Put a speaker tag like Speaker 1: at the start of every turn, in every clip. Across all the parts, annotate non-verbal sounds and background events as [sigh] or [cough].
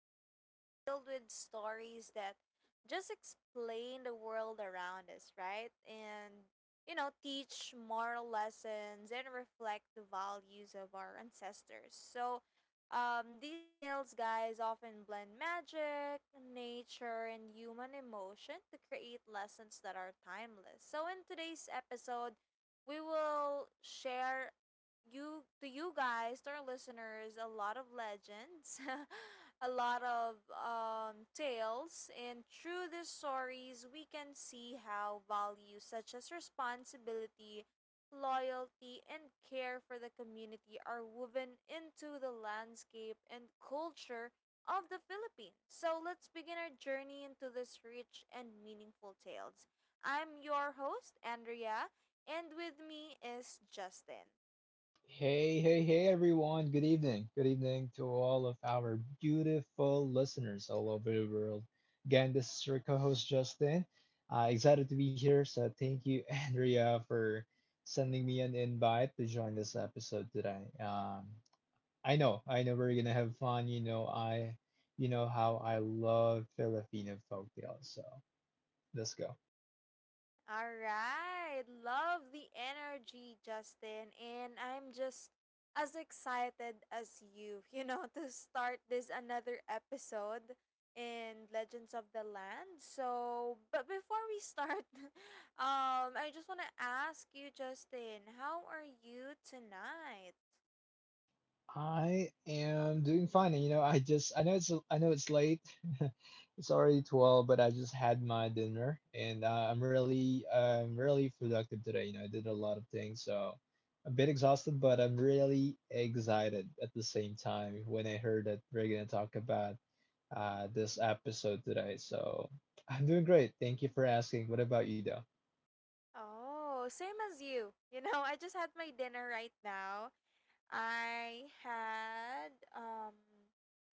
Speaker 1: folklore is filled with stories that just explain the world around us, right? And teach moral lessons and reflect the values of our ancestors. So, these tales, guys, often blend magic, nature, and human emotion to create lessons that are timeless. So, in today's episode, we will share you to you guys, to our listeners, a lot of legends, [laughs] a lot of tales, and through these stories, we can see how values such as responsibility, loyalty, and care for the community are woven into the landscape and culture of the Philippines. So let's begin our journey into this rich and meaningful tales. I'm your host, Andrea, and with me is Justin.
Speaker 2: Hey, hey, hey, everyone. Good evening. Good evening to all of our beautiful listeners all over the world. Again, this is your co host, Justin. Excited to be here. So, thank you, [laughs] Andrea, for sending me an invite to join this episode today. I know we're going to have fun. You know, you know how I love Filipino folktales. So, let's go.
Speaker 1: All right. Love the energy, Justin. And I'm just as excited as you, [laughs] to start this another episode in Legends of the Land. So, but before we start, [laughs] I just want to ask you, Justin, how are you tonight?
Speaker 2: I am doing fine. And, you know, I know it's late. [laughs] It's already 12, but I just had my dinner and I'm really productive today. You know, I did a lot of things, so a bit exhausted, but I'm really excited at the same time when I heard that we're gonna talk about this episode today. So I'm doing great. Thank you for asking. What about you, though?
Speaker 1: Oh, same as you. I just had my dinner right now. I had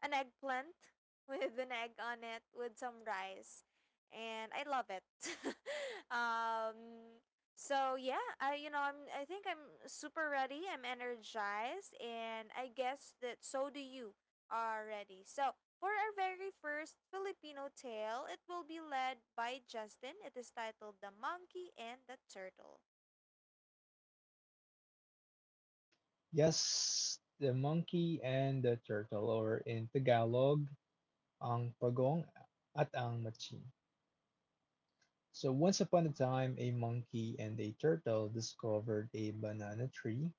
Speaker 1: an eggplant [laughs] with an egg on it with some rice, and I love it. [laughs] um, so yeah, I you know I'm I think I'm super ready. I'm energized, and I guess that so do you already. So for our very first Filipino tale, it will be led by Justin. It is titled "The Monkey and the Turtle."
Speaker 2: Yes, the monkey and the turtle, or in Tagalog. Ang pagong at ang machi. So once upon a time, a monkey and a turtle discovered a banana tree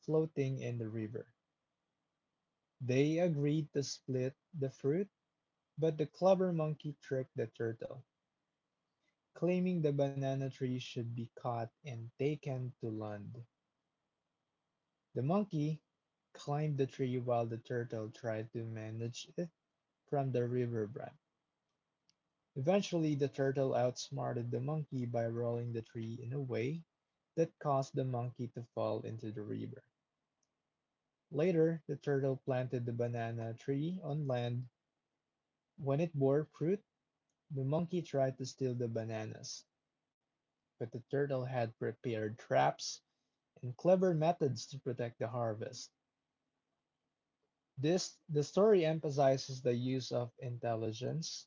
Speaker 2: floating in the river. They agreed to split the fruit, but the clever monkey tricked the turtle, claiming the banana tree should be caught and taken to land. The monkey climbed the tree while the turtle tried to manage it from the river branch. Eventually, the turtle outsmarted the monkey by rolling the tree in a way that caused the monkey to fall into the river. Later, the turtle planted the banana tree on land. When it bore fruit, the monkey tried to steal the bananas, but the turtle had prepared traps and clever methods to protect the harvest. This the story emphasizes the use of intelligence,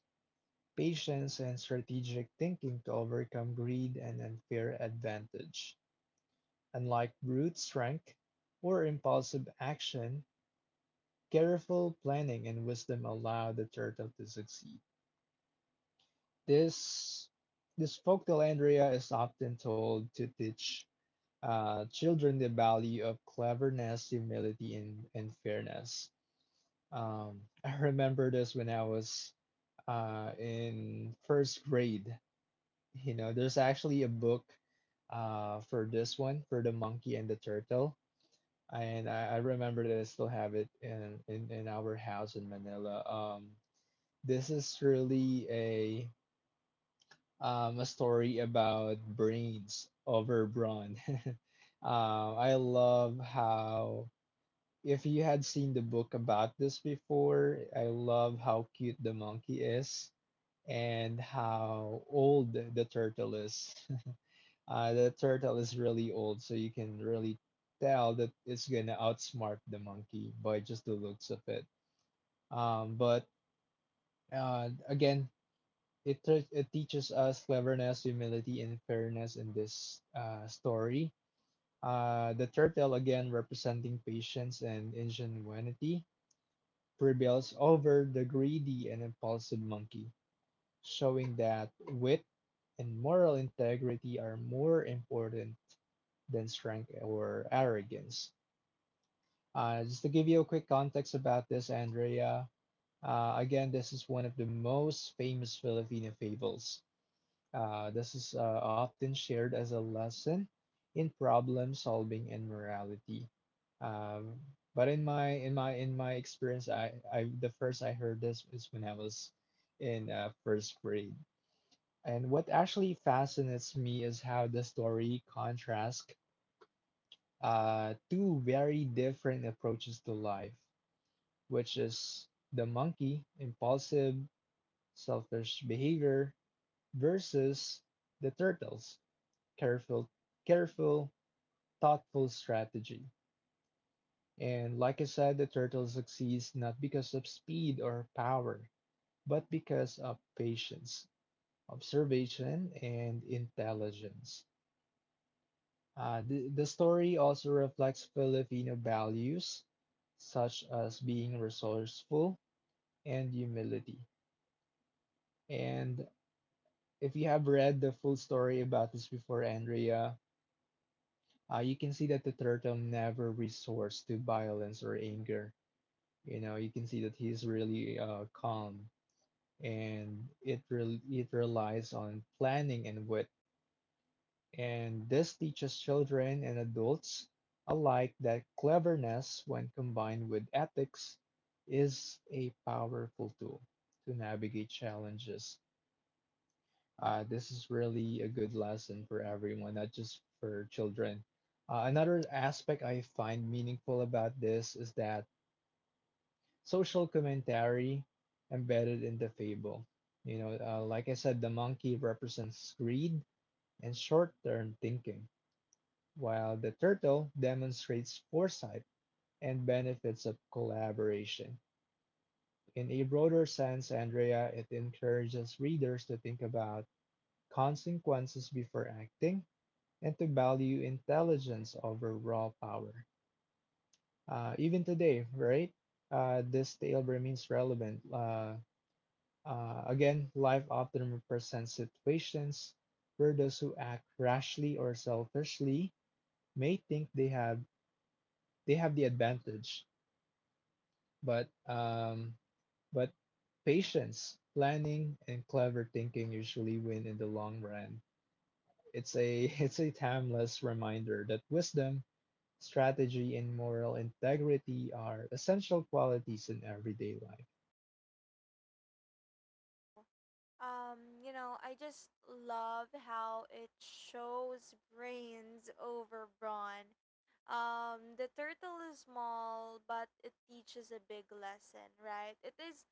Speaker 2: patience, and strategic thinking to overcome greed and unfair advantage. Unlike brute strength or impulsive action, careful planning and wisdom allow the turtle to succeed. This this folk, Andrea, is often told to teach children the value of cleverness, humility, and fairness. I remember this when I was in first grade. You know, there's actually a book for this one, for the monkey and the turtle and I remember that I still have it in our house in Manila. This is really a story about brains over brawn. [laughs] I love how if you had seen the book about this before, I love how cute the monkey is and how old the turtle is. The turtle is really old, so you can really tell that it's gonna outsmart the monkey by just the looks of it. But Again, it teaches us cleverness, humility, and fairness in this story. The turtle, again, representing patience and ingenuity, prevails over the greedy and impulsive monkey, showing that wit and moral integrity are more important than strength or arrogance. Just to give you a quick context about this, Andrea, again, this is one of the most famous Filipino fables. This is often shared as a lesson in problem solving and morality. Um, but in my experience, I the first I heard this is when I was in first grade. And what actually fascinates me is how the story contrasts two very different approaches to life, which is the monkey, impulsive, selfish behavior, versus the turtles, careful, careful, thoughtful strategy. And like I said, the turtle succeeds not because of speed or power, but because of patience, observation, and intelligence. The story also reflects Filipino values such as being resourceful and humility. And if you have read the full story about this before, Andrea, you can see that the turtle never resorts to violence or anger. You know, you can see that he's really calm and it relies on planning and wisdom. And this teaches children and adults alike that cleverness, when combined with ethics, is a powerful tool to navigate challenges. This is really a good lesson for everyone, not just for children. Another aspect I find meaningful about this is that social commentary embedded in the fable. You know, like I said, the monkey represents greed and short term thinking, while the turtle demonstrates foresight and benefits of collaboration. In a broader sense, Andrea, it encourages readers to think about consequences before acting and to value intelligence over raw power. Even today, right? This tale remains relevant. Again, life often represents situations where those who act rashly or selfishly may think they have the advantage. But um, but patience, planning, and clever thinking usually win in the long run. It's a [laughs] it's a timeless reminder that wisdom, strategy, and moral integrity are essential qualities in everyday life.
Speaker 1: I just love how it shows brains over brawn. The turtle is small, but it teaches a big lesson, right? It is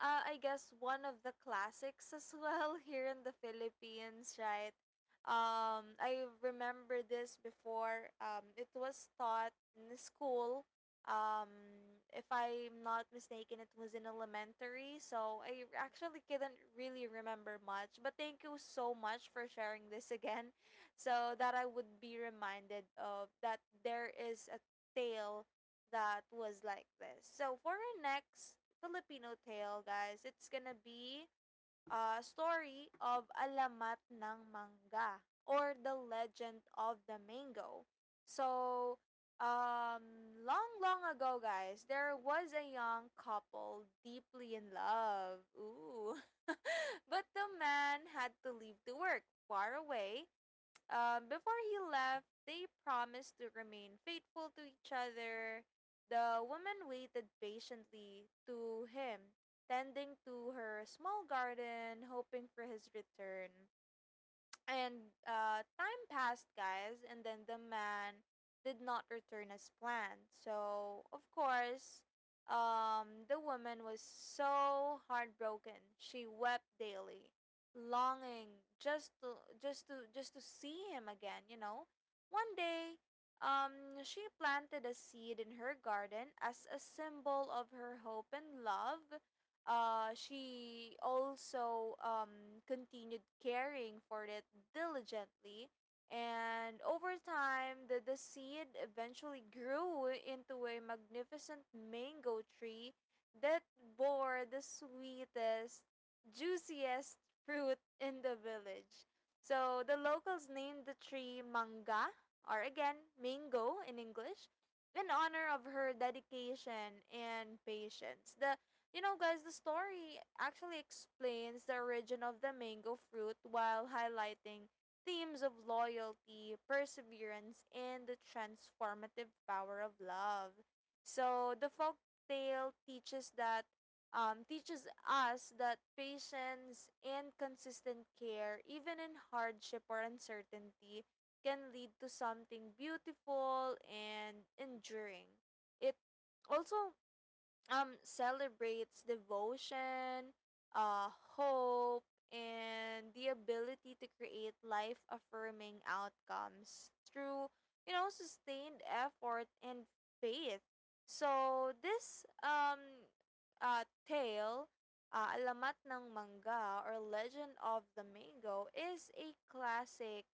Speaker 1: I guess one of the classics as well, [laughs] here in the Philippines, right? I remember this before. It was taught in school. Um, if I'm not mistaken, it was in elementary, so I actually couldn't really remember much. But thank you so much for sharing this again, [laughs] so that I would be reminded of that there is a tale that was like this. So for our next Filipino tale, guys. It's gonna be a story of Alamat ng Mangga, or the legend of the mango. So, long, long ago, guys, there was a young couple deeply in love. Ooh. [laughs] But the man had to leave to work far away. Before he left, they promised to remain faithful to each other. The woman waited patiently to him, tending to her small garden, hoping for his return. And time passed, guys, and then the man did not return as planned. So, of course, the woman was so heartbroken. She wept daily, longing just to see him again. One day, she planted a seed in her garden as a symbol of her hope and love. She also continued caring for it diligently, and over time, the seed eventually grew into a magnificent mango tree that bore the sweetest, juiciest fruit in the village. So the locals named the tree Manga, or again, mango in English, in honor of her dedication and patience. The, you know, guys, the story actually explains the origin of the mango fruit while highlighting themes of loyalty, perseverance, and the transformative power of love. So the folk tale teaches us that patience and consistent care, even in hardship or uncertainty, can lead to something beautiful and enduring. It also celebrates devotion, uh hope, and the ability to create life affirming outcomes through, sustained effort and faith. So this tale, Alamat ng Mangga or Legend of the Mango, is a classic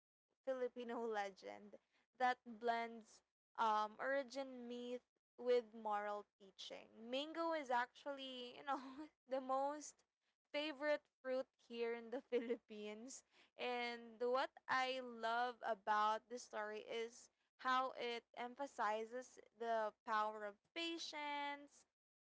Speaker 1: Filipino [laughs] legend that blends origin myth with moral teaching. Mango is actually, you know, [laughs] the most favorite fruit here in the [laughs] Philippines. And what I love about the story is how it emphasizes the power of patience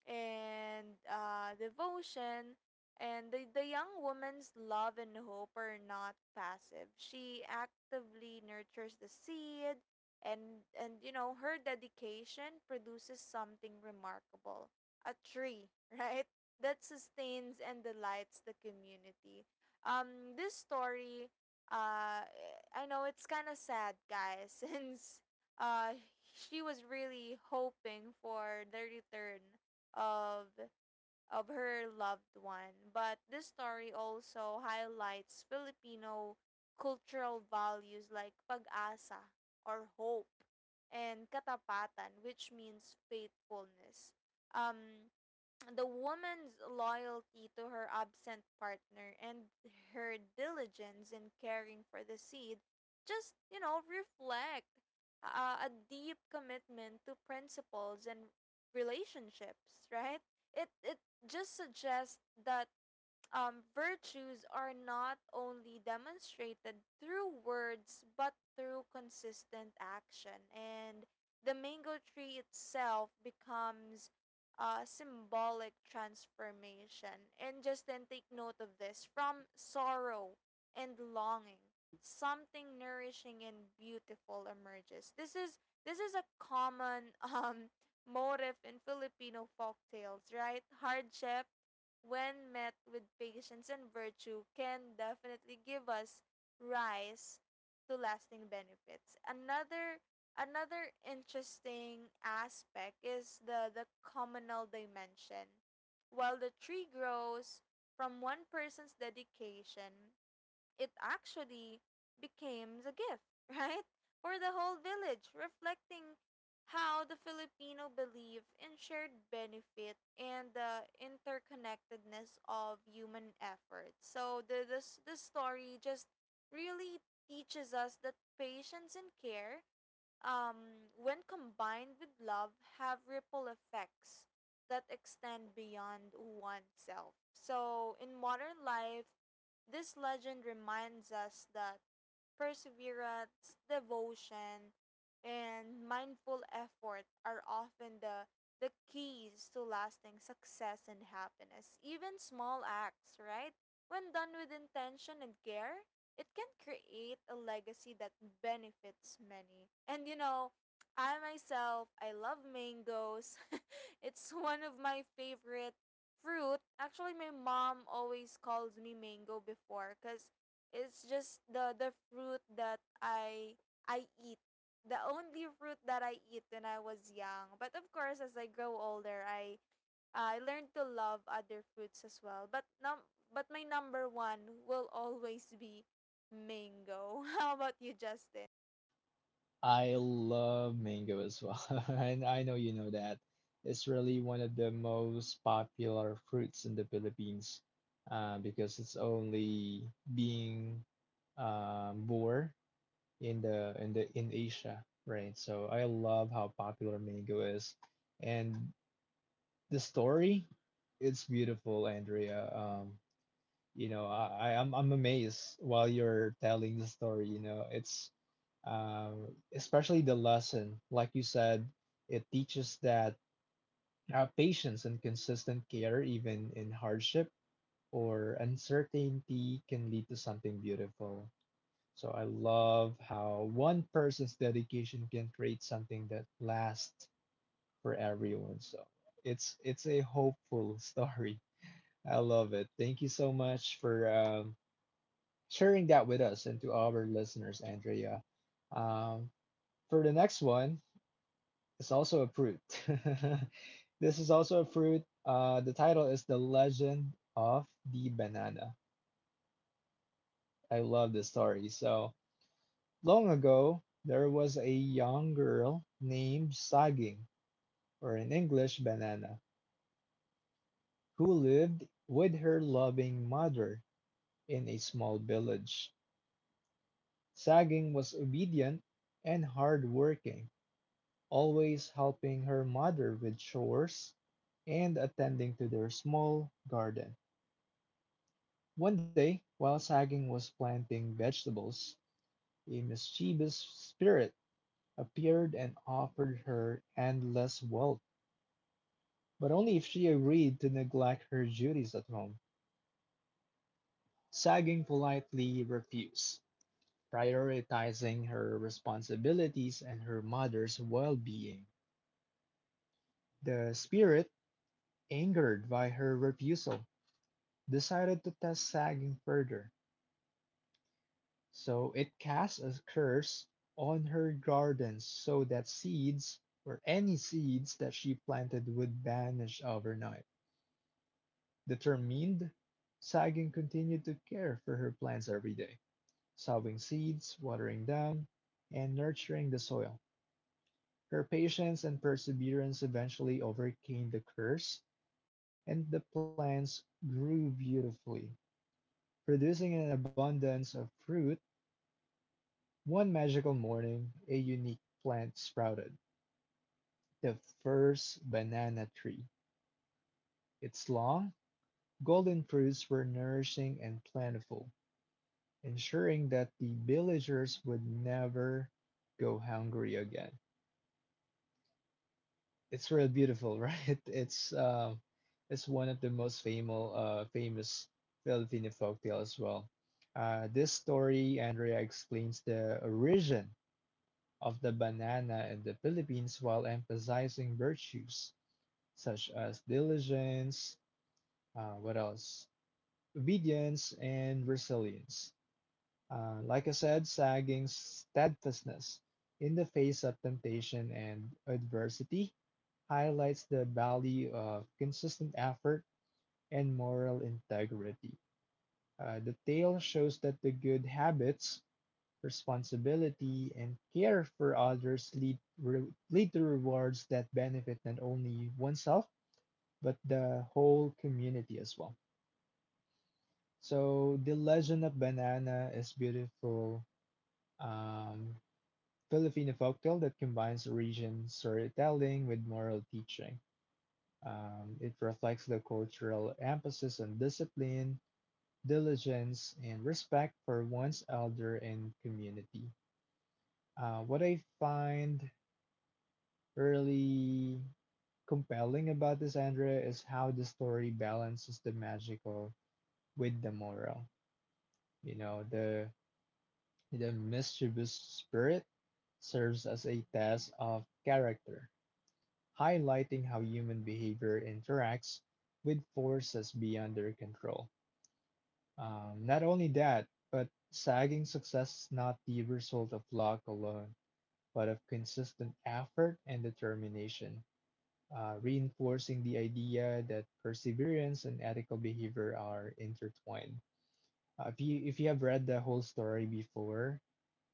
Speaker 1: and devotion. And the young woman's love and hope are not passive. She actively nurtures the seed, and her dedication produces something remarkable, a tree, [laughs] right, that sustains and delights the community. This story, uh I know, it's kind of sad, guys, [laughs] since uh she was really hoping for the return of of her loved one. But this story also highlights Filipino cultural values like pag-asa, or hope, and katapatan, which means faithfulness. Um, the woman's loyalty to her absent partner and her diligence in caring for the seed just, reflect a deep commitment to principles and relationships, right? It just suggests that virtues are not only demonstrated through words but through consistent action. And the mango tree itself becomes a symbolic transformation. And just then take note of this: from sorrow and longing, something nourishing and beautiful emerges. This is a common [laughs] motive in Filipino folk tales, right? Hardship, when met with patience and virtue, can definitely give us rise to lasting benefits. Another interesting aspect is the communal dimension. While the tree grows from one person's dedication, it actually became a gift, [laughs] right? For the whole village, reflecting how the Filipino believe in shared benefit and the interconnectedness of human effort. So the this this story just really teaches us that patience and care, when combined with love, have ripple effects that extend beyond oneself. So, in modern life, this legend reminds us that perseverance, devotion, and mindful effort are often the keys to lasting success and happiness. Even small acts, right? When done with intention and care, it can create a legacy that benefits many. And I myself, I love mangoes. [laughs] It's one of my favorite fruit. Actually, my mom always calls me mango before, because it's just the fruit that I eat. The only fruit that I eat when I was young. But of course, as I grow older, I learned to love other fruits as well. But my number one will always be mango. [laughs] How about you, Justin?
Speaker 2: I love mango as well, [laughs] and I know you know that. It's really one of the most popular fruits in the Philippines, because it's only being bore in the in the in Asia, right? So I love how popular mango is, and the story, it's beautiful, Andrea. You know, I'm I'm amazed while you're telling the story. You know, it's especially the lesson, like you said, it teaches that patience and consistent care, even in hardship or uncertainty, can lead to something beautiful. So I love how one person's dedication can create something that lasts for everyone. So it's a hopeful [laughs] story. I love it. Thank you so much for sharing that with us and to our listeners, Andrea. Um, for the next one, it's also a fruit. [laughs] This is also a fruit. The title is The Legend of the Banana. I love this story. So long ago, there was a young girl named Saging, or in English Banana, who lived with her loving mother in a small village. Saging was obedient and hardworking, always helping her mother with chores and attending to their small garden. One day, while Saging was planting vegetables, a mischievous spirit appeared and offered her endless wealth, but only if she agreed to neglect her duties at home. Sagging politely refused, prioritizing her responsibilities and her mother's well being. The spirit, angered by her refusal, decided to test Sagging further, so it cast a curse on her gardens so that seeds or any seeds that she planted would vanish overnight. Determined, Sagging continued to care for her plants every day, sowing seeds, watering them, and nurturing the soil. Her patience and perseverance eventually overcame the curse, and the plants grew beautifully, producing an abundance of fruit. One magical morning, a unique plant sprouted the first banana tree. Its long, golden fruits were nourishing and plentiful, ensuring that the villagers would never go hungry again. It's real beautiful, [laughs] right? It's one of the most famous Filipino folktale as well. This story, Andrea, explains the origin of the banana in the Philippines while emphasizing virtues such as diligence, what else? Obedience and resilience. Like I said, sagging steadfastness in the face of temptation and adversity highlights the value of consistent effort and moral integrity. The tale shows that the good habits, responsibility, and care for others lead to rewards that benefit not only oneself, but the whole community as well. So, The Legend of Banana is beautiful um, Filipino folktale that combines origin storytelling with moral teaching. It reflects the cultural emphasis on discipline, diligence, and respect for one's elder and community. What I find really compelling about this, Andrea, is how the story balances the magical with the moral. You know, the mischievous spirit serves as a test of character, highlighting how human behavior interacts with forces beyond their control. Not only that, but sagging success is not the result of luck alone, but of consistent effort and determination, reinforcing the idea that perseverance and ethical behavior are intertwined. If you have read the whole story before,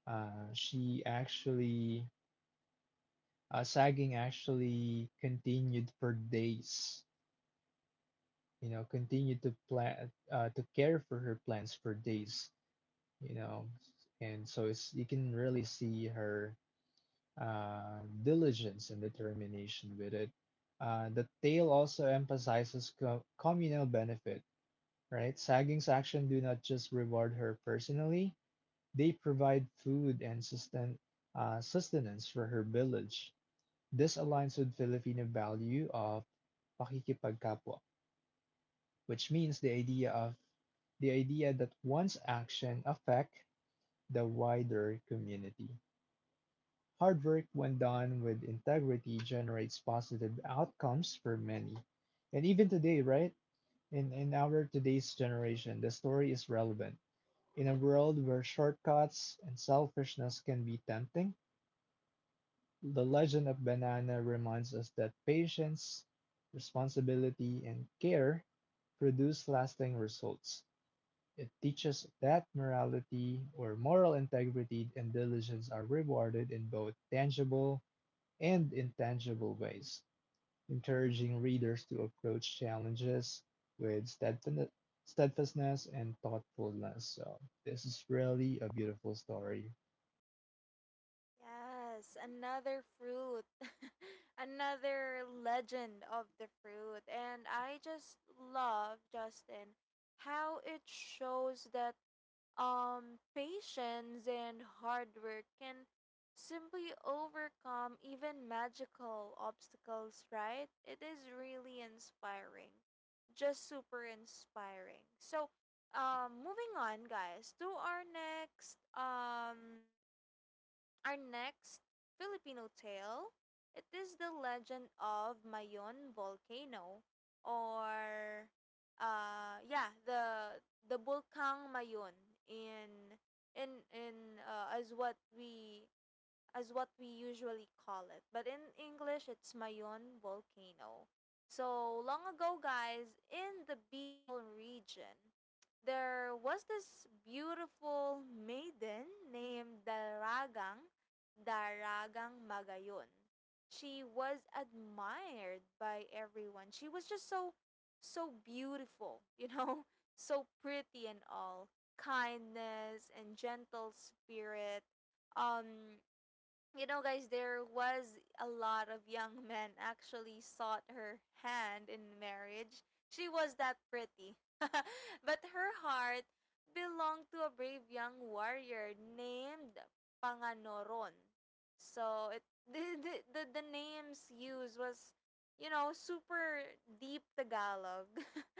Speaker 2: she actually sagging actually continued for days. You know, continued to plan to care for her plans for days, you know, and so it's you can really see her diligence and determination with it. The tale also emphasizes communal benefit, right? Saging's actions do not just reward her personally, they provide food and sustenance for her village. This aligns with Filipino value of pakikipagkapwa, which means the idea that one's action affect the wider community. Hard work, when done with integrity, generates positive outcomes for many. And even today, right? In our today's generation, the story is relevant. In a world where shortcuts and selfishness can be tempting, the legend of Banana reminds us that patience, responsibility, and care produce lasting results. It teaches that morality or moral integrity and diligence are rewarded in both tangible and intangible ways, encouraging readers to approach challenges with steadfastness and thoughtfulness. So, this is really a beautiful story.
Speaker 1: Yes, another fruit. [laughs] Another legend of the fruit. And I just love, Justin, how it shows that patience and hard work can simply overcome even magical obstacles, right? It is really inspiring. Just super inspiring. So, moving on, guys, to our next Filipino tale. It is the legend of Mayon volcano, or yeah, the Bulkang Mayon, in as what we usually call it. But in English, it's Mayon volcano. So long ago, guys, in the Bicol region, there was this beautiful maiden named Daragang Magayon. She was admired by everyone. She was just so, so beautiful, [laughs] so pretty and all. Kindness and gentle spirit. Um you know, guys, there was a lot of young men actually sought her hand in marriage. She was that pretty. [laughs] But her heart belonged to a brave young warrior named Panganoron. So it [laughs] the, names used was super deep Tagalog.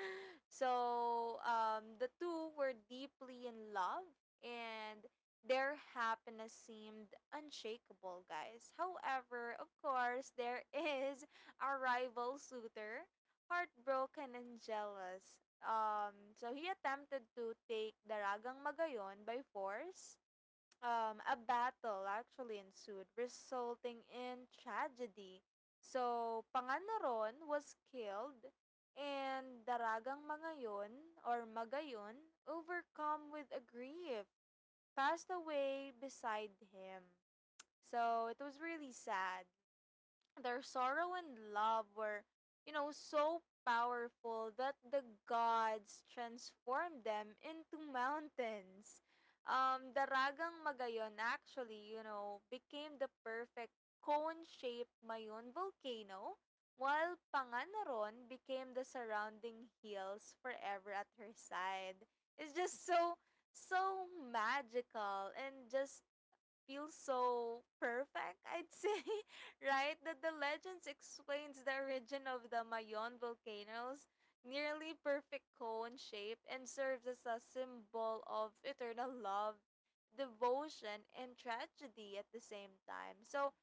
Speaker 1: [laughs] So the two were deeply in love, and their happiness seemed unshakable, guys. However, of course, there [laughs] is a rival suitor, heartbroken and jealous. So he attempted to take Daragang Magayon by force. A battle actually ensued, resulting in tragedy. So, Panganaron was killed, and Daragang Magayon, or Magayon, overcome with a grief, passed away beside him. So it was really sad. Their sorrow and love were, so powerful that the gods transformed them into mountains. Daragang Magayon actually, became the perfect cone-shaped Mayon volcano, while Panganaron became the surrounding hills forever at her side. It's just so, so magical and just feels so perfect, I'd say, [laughs] right? That the legends explains the origin of the Mayon volcanoes nearly perfect cone shape and serves as a symbol of eternal love, devotion, and tragedy at the same time. So,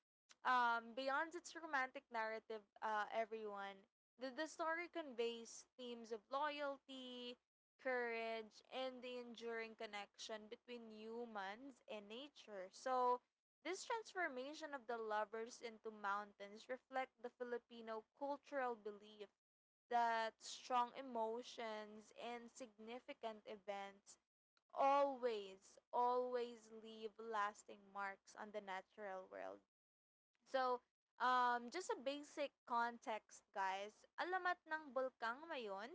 Speaker 1: Beyond its romantic narrative, everyone, the story conveys themes of loyalty, courage, and the enduring connection between humans and nature. So, this transformation of the lovers into mountains reflect the Filipino cultural belief that strong emotions and significant events always leave lasting marks on the natural world. So, just a basic context, guys. Alamat ng bulkang mayon,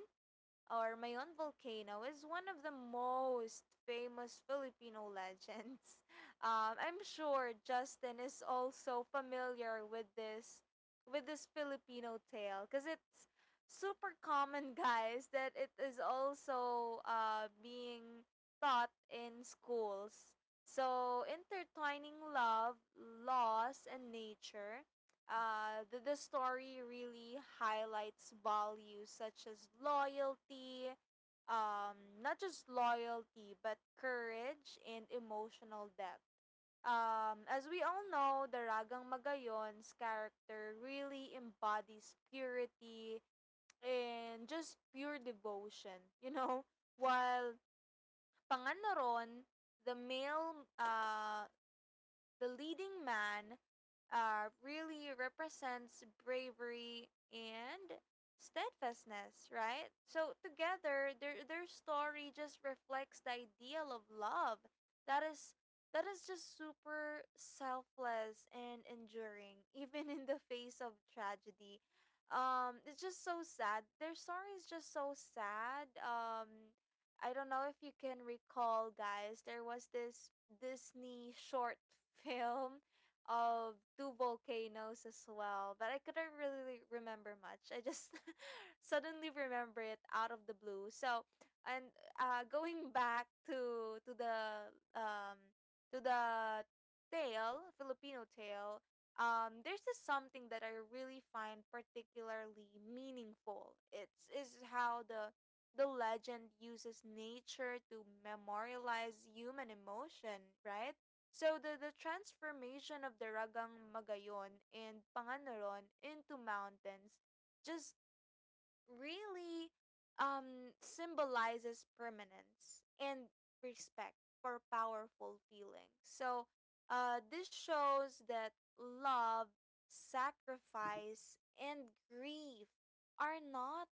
Speaker 1: or Mayon Volcano, is one of the most famous Filipino legends. [laughs] I'm sure Justin is also familiar with this, Filipino tale, because it's super common, [laughs] guys, that it is also being taught in schools. So intertwining love, loss, and nature. The story really highlights values such as loyalty, not just loyalty, but courage and emotional depth. As we all know, Daragang Magayon's character really embodies purity and just pure devotion, you know? [laughs] While Panganoron, the male the leading man really represents bravery and steadfastness, right? So together, their story just reflects the ideal of love that is that is just super selfless and enduring, [laughs] even in the face of tragedy. It's just so sad. Their story is just so sad. I don't know if you can recall, guys. There was this Disney short [laughs] film of two volcanoes as well, but I couldn't really remember much. I just [laughs] suddenly remember it out of the blue. So, and Going back to the to the tale, Filipino tale. There's just something that I really find particularly meaningful. It's is how the legend uses nature to memorialize human emotion, right? So the transformation of the Ragang Magayon and Panganoron into mountains just really symbolizes permanence and respect for powerful feelings. So this shows that love, sacrifice and grief are not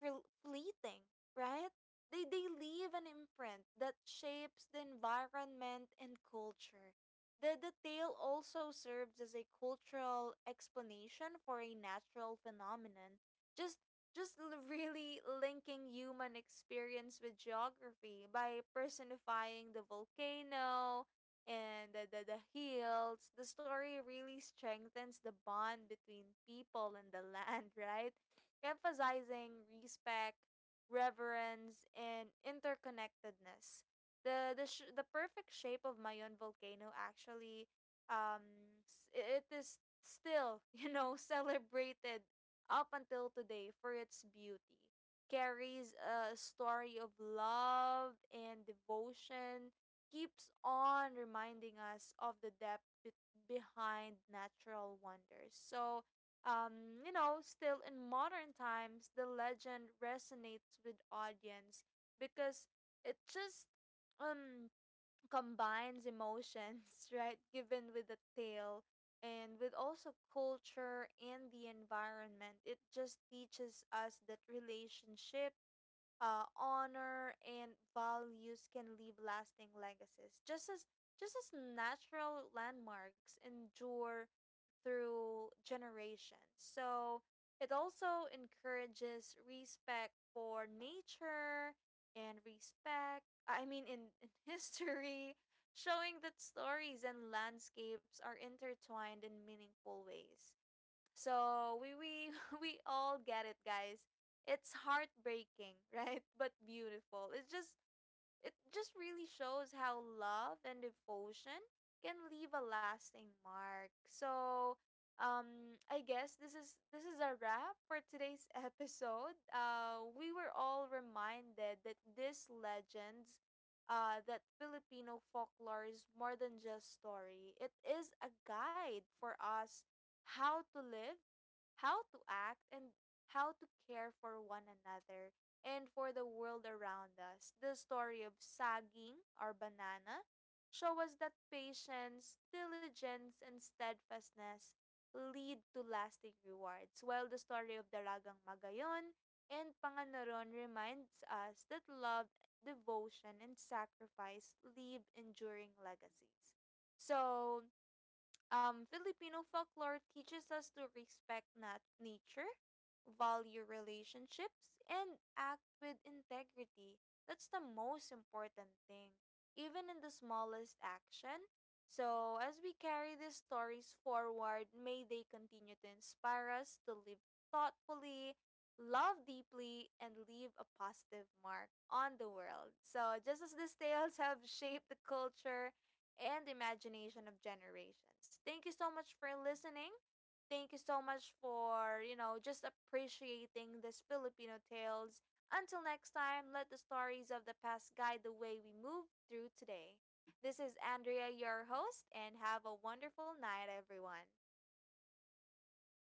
Speaker 1: fleeting, right? They leave an imprint that shapes the environment and culture. The tale also serves as a cultural explanation for a natural phenomenon, just really linking human experience with geography by personifying the volcano and the hills. The story really strengthens the bond between people and the [laughs] land, right? Emphasizing respect, reverence, and interconnectedness. The perfect shape of Mayon volcano actually it is still, [laughs] you know, celebrated up until today for its beauty. Carries a story of love and devotion, keeps on reminding us of the depth behind natural wonders. So, still in modern times, the legend resonates with audience because it just um combines emotions, [laughs] right? Given with the tale and with also culture and the environment. It just teaches us that relationship honor and values can leave lasting legacies just as natural landmarks endure through generations. So it also encourages respect for nature and respect, I mean in, [laughs] history, showing that stories and landscapes are intertwined in meaningful ways. So we [laughs] we all get it, guys. It's heartbreaking, right? [laughs] But beautiful. It just really shows how love and devotion can leave a lasting mark. So, I guess this is a wrap for today's [laughs] episode. We were all reminded that these legends, that Filipino folklore is more than just story. It is a guide for us how to live, how to act, and how to care for one another, and for the world around us. The story of saging or banana, show us that patience, diligence, and steadfastness lead to lasting rewards, while the story of Dalagang Magayon and Panganaron reminds us that love, devotion, and sacrifice leave enduring legacies. So, Filipino folklore teaches us to respect nature, value relationships, and act with integrity. That's the most important thing, even in the smallest action. So, as we carry these stories forward, may they continue to inspire us to live thoughtfully, love deeply, and leave a positive mark on the world. So, just as these tales have [laughs] shaped the culture, and imagination of generations. Thank you so much for listening. Thank you so much for, you know, just appreciating these Filipino tales. Until next time, let the stories of the past guide the way we move through today. This is Andrea, your host, and have a wonderful night, everyone.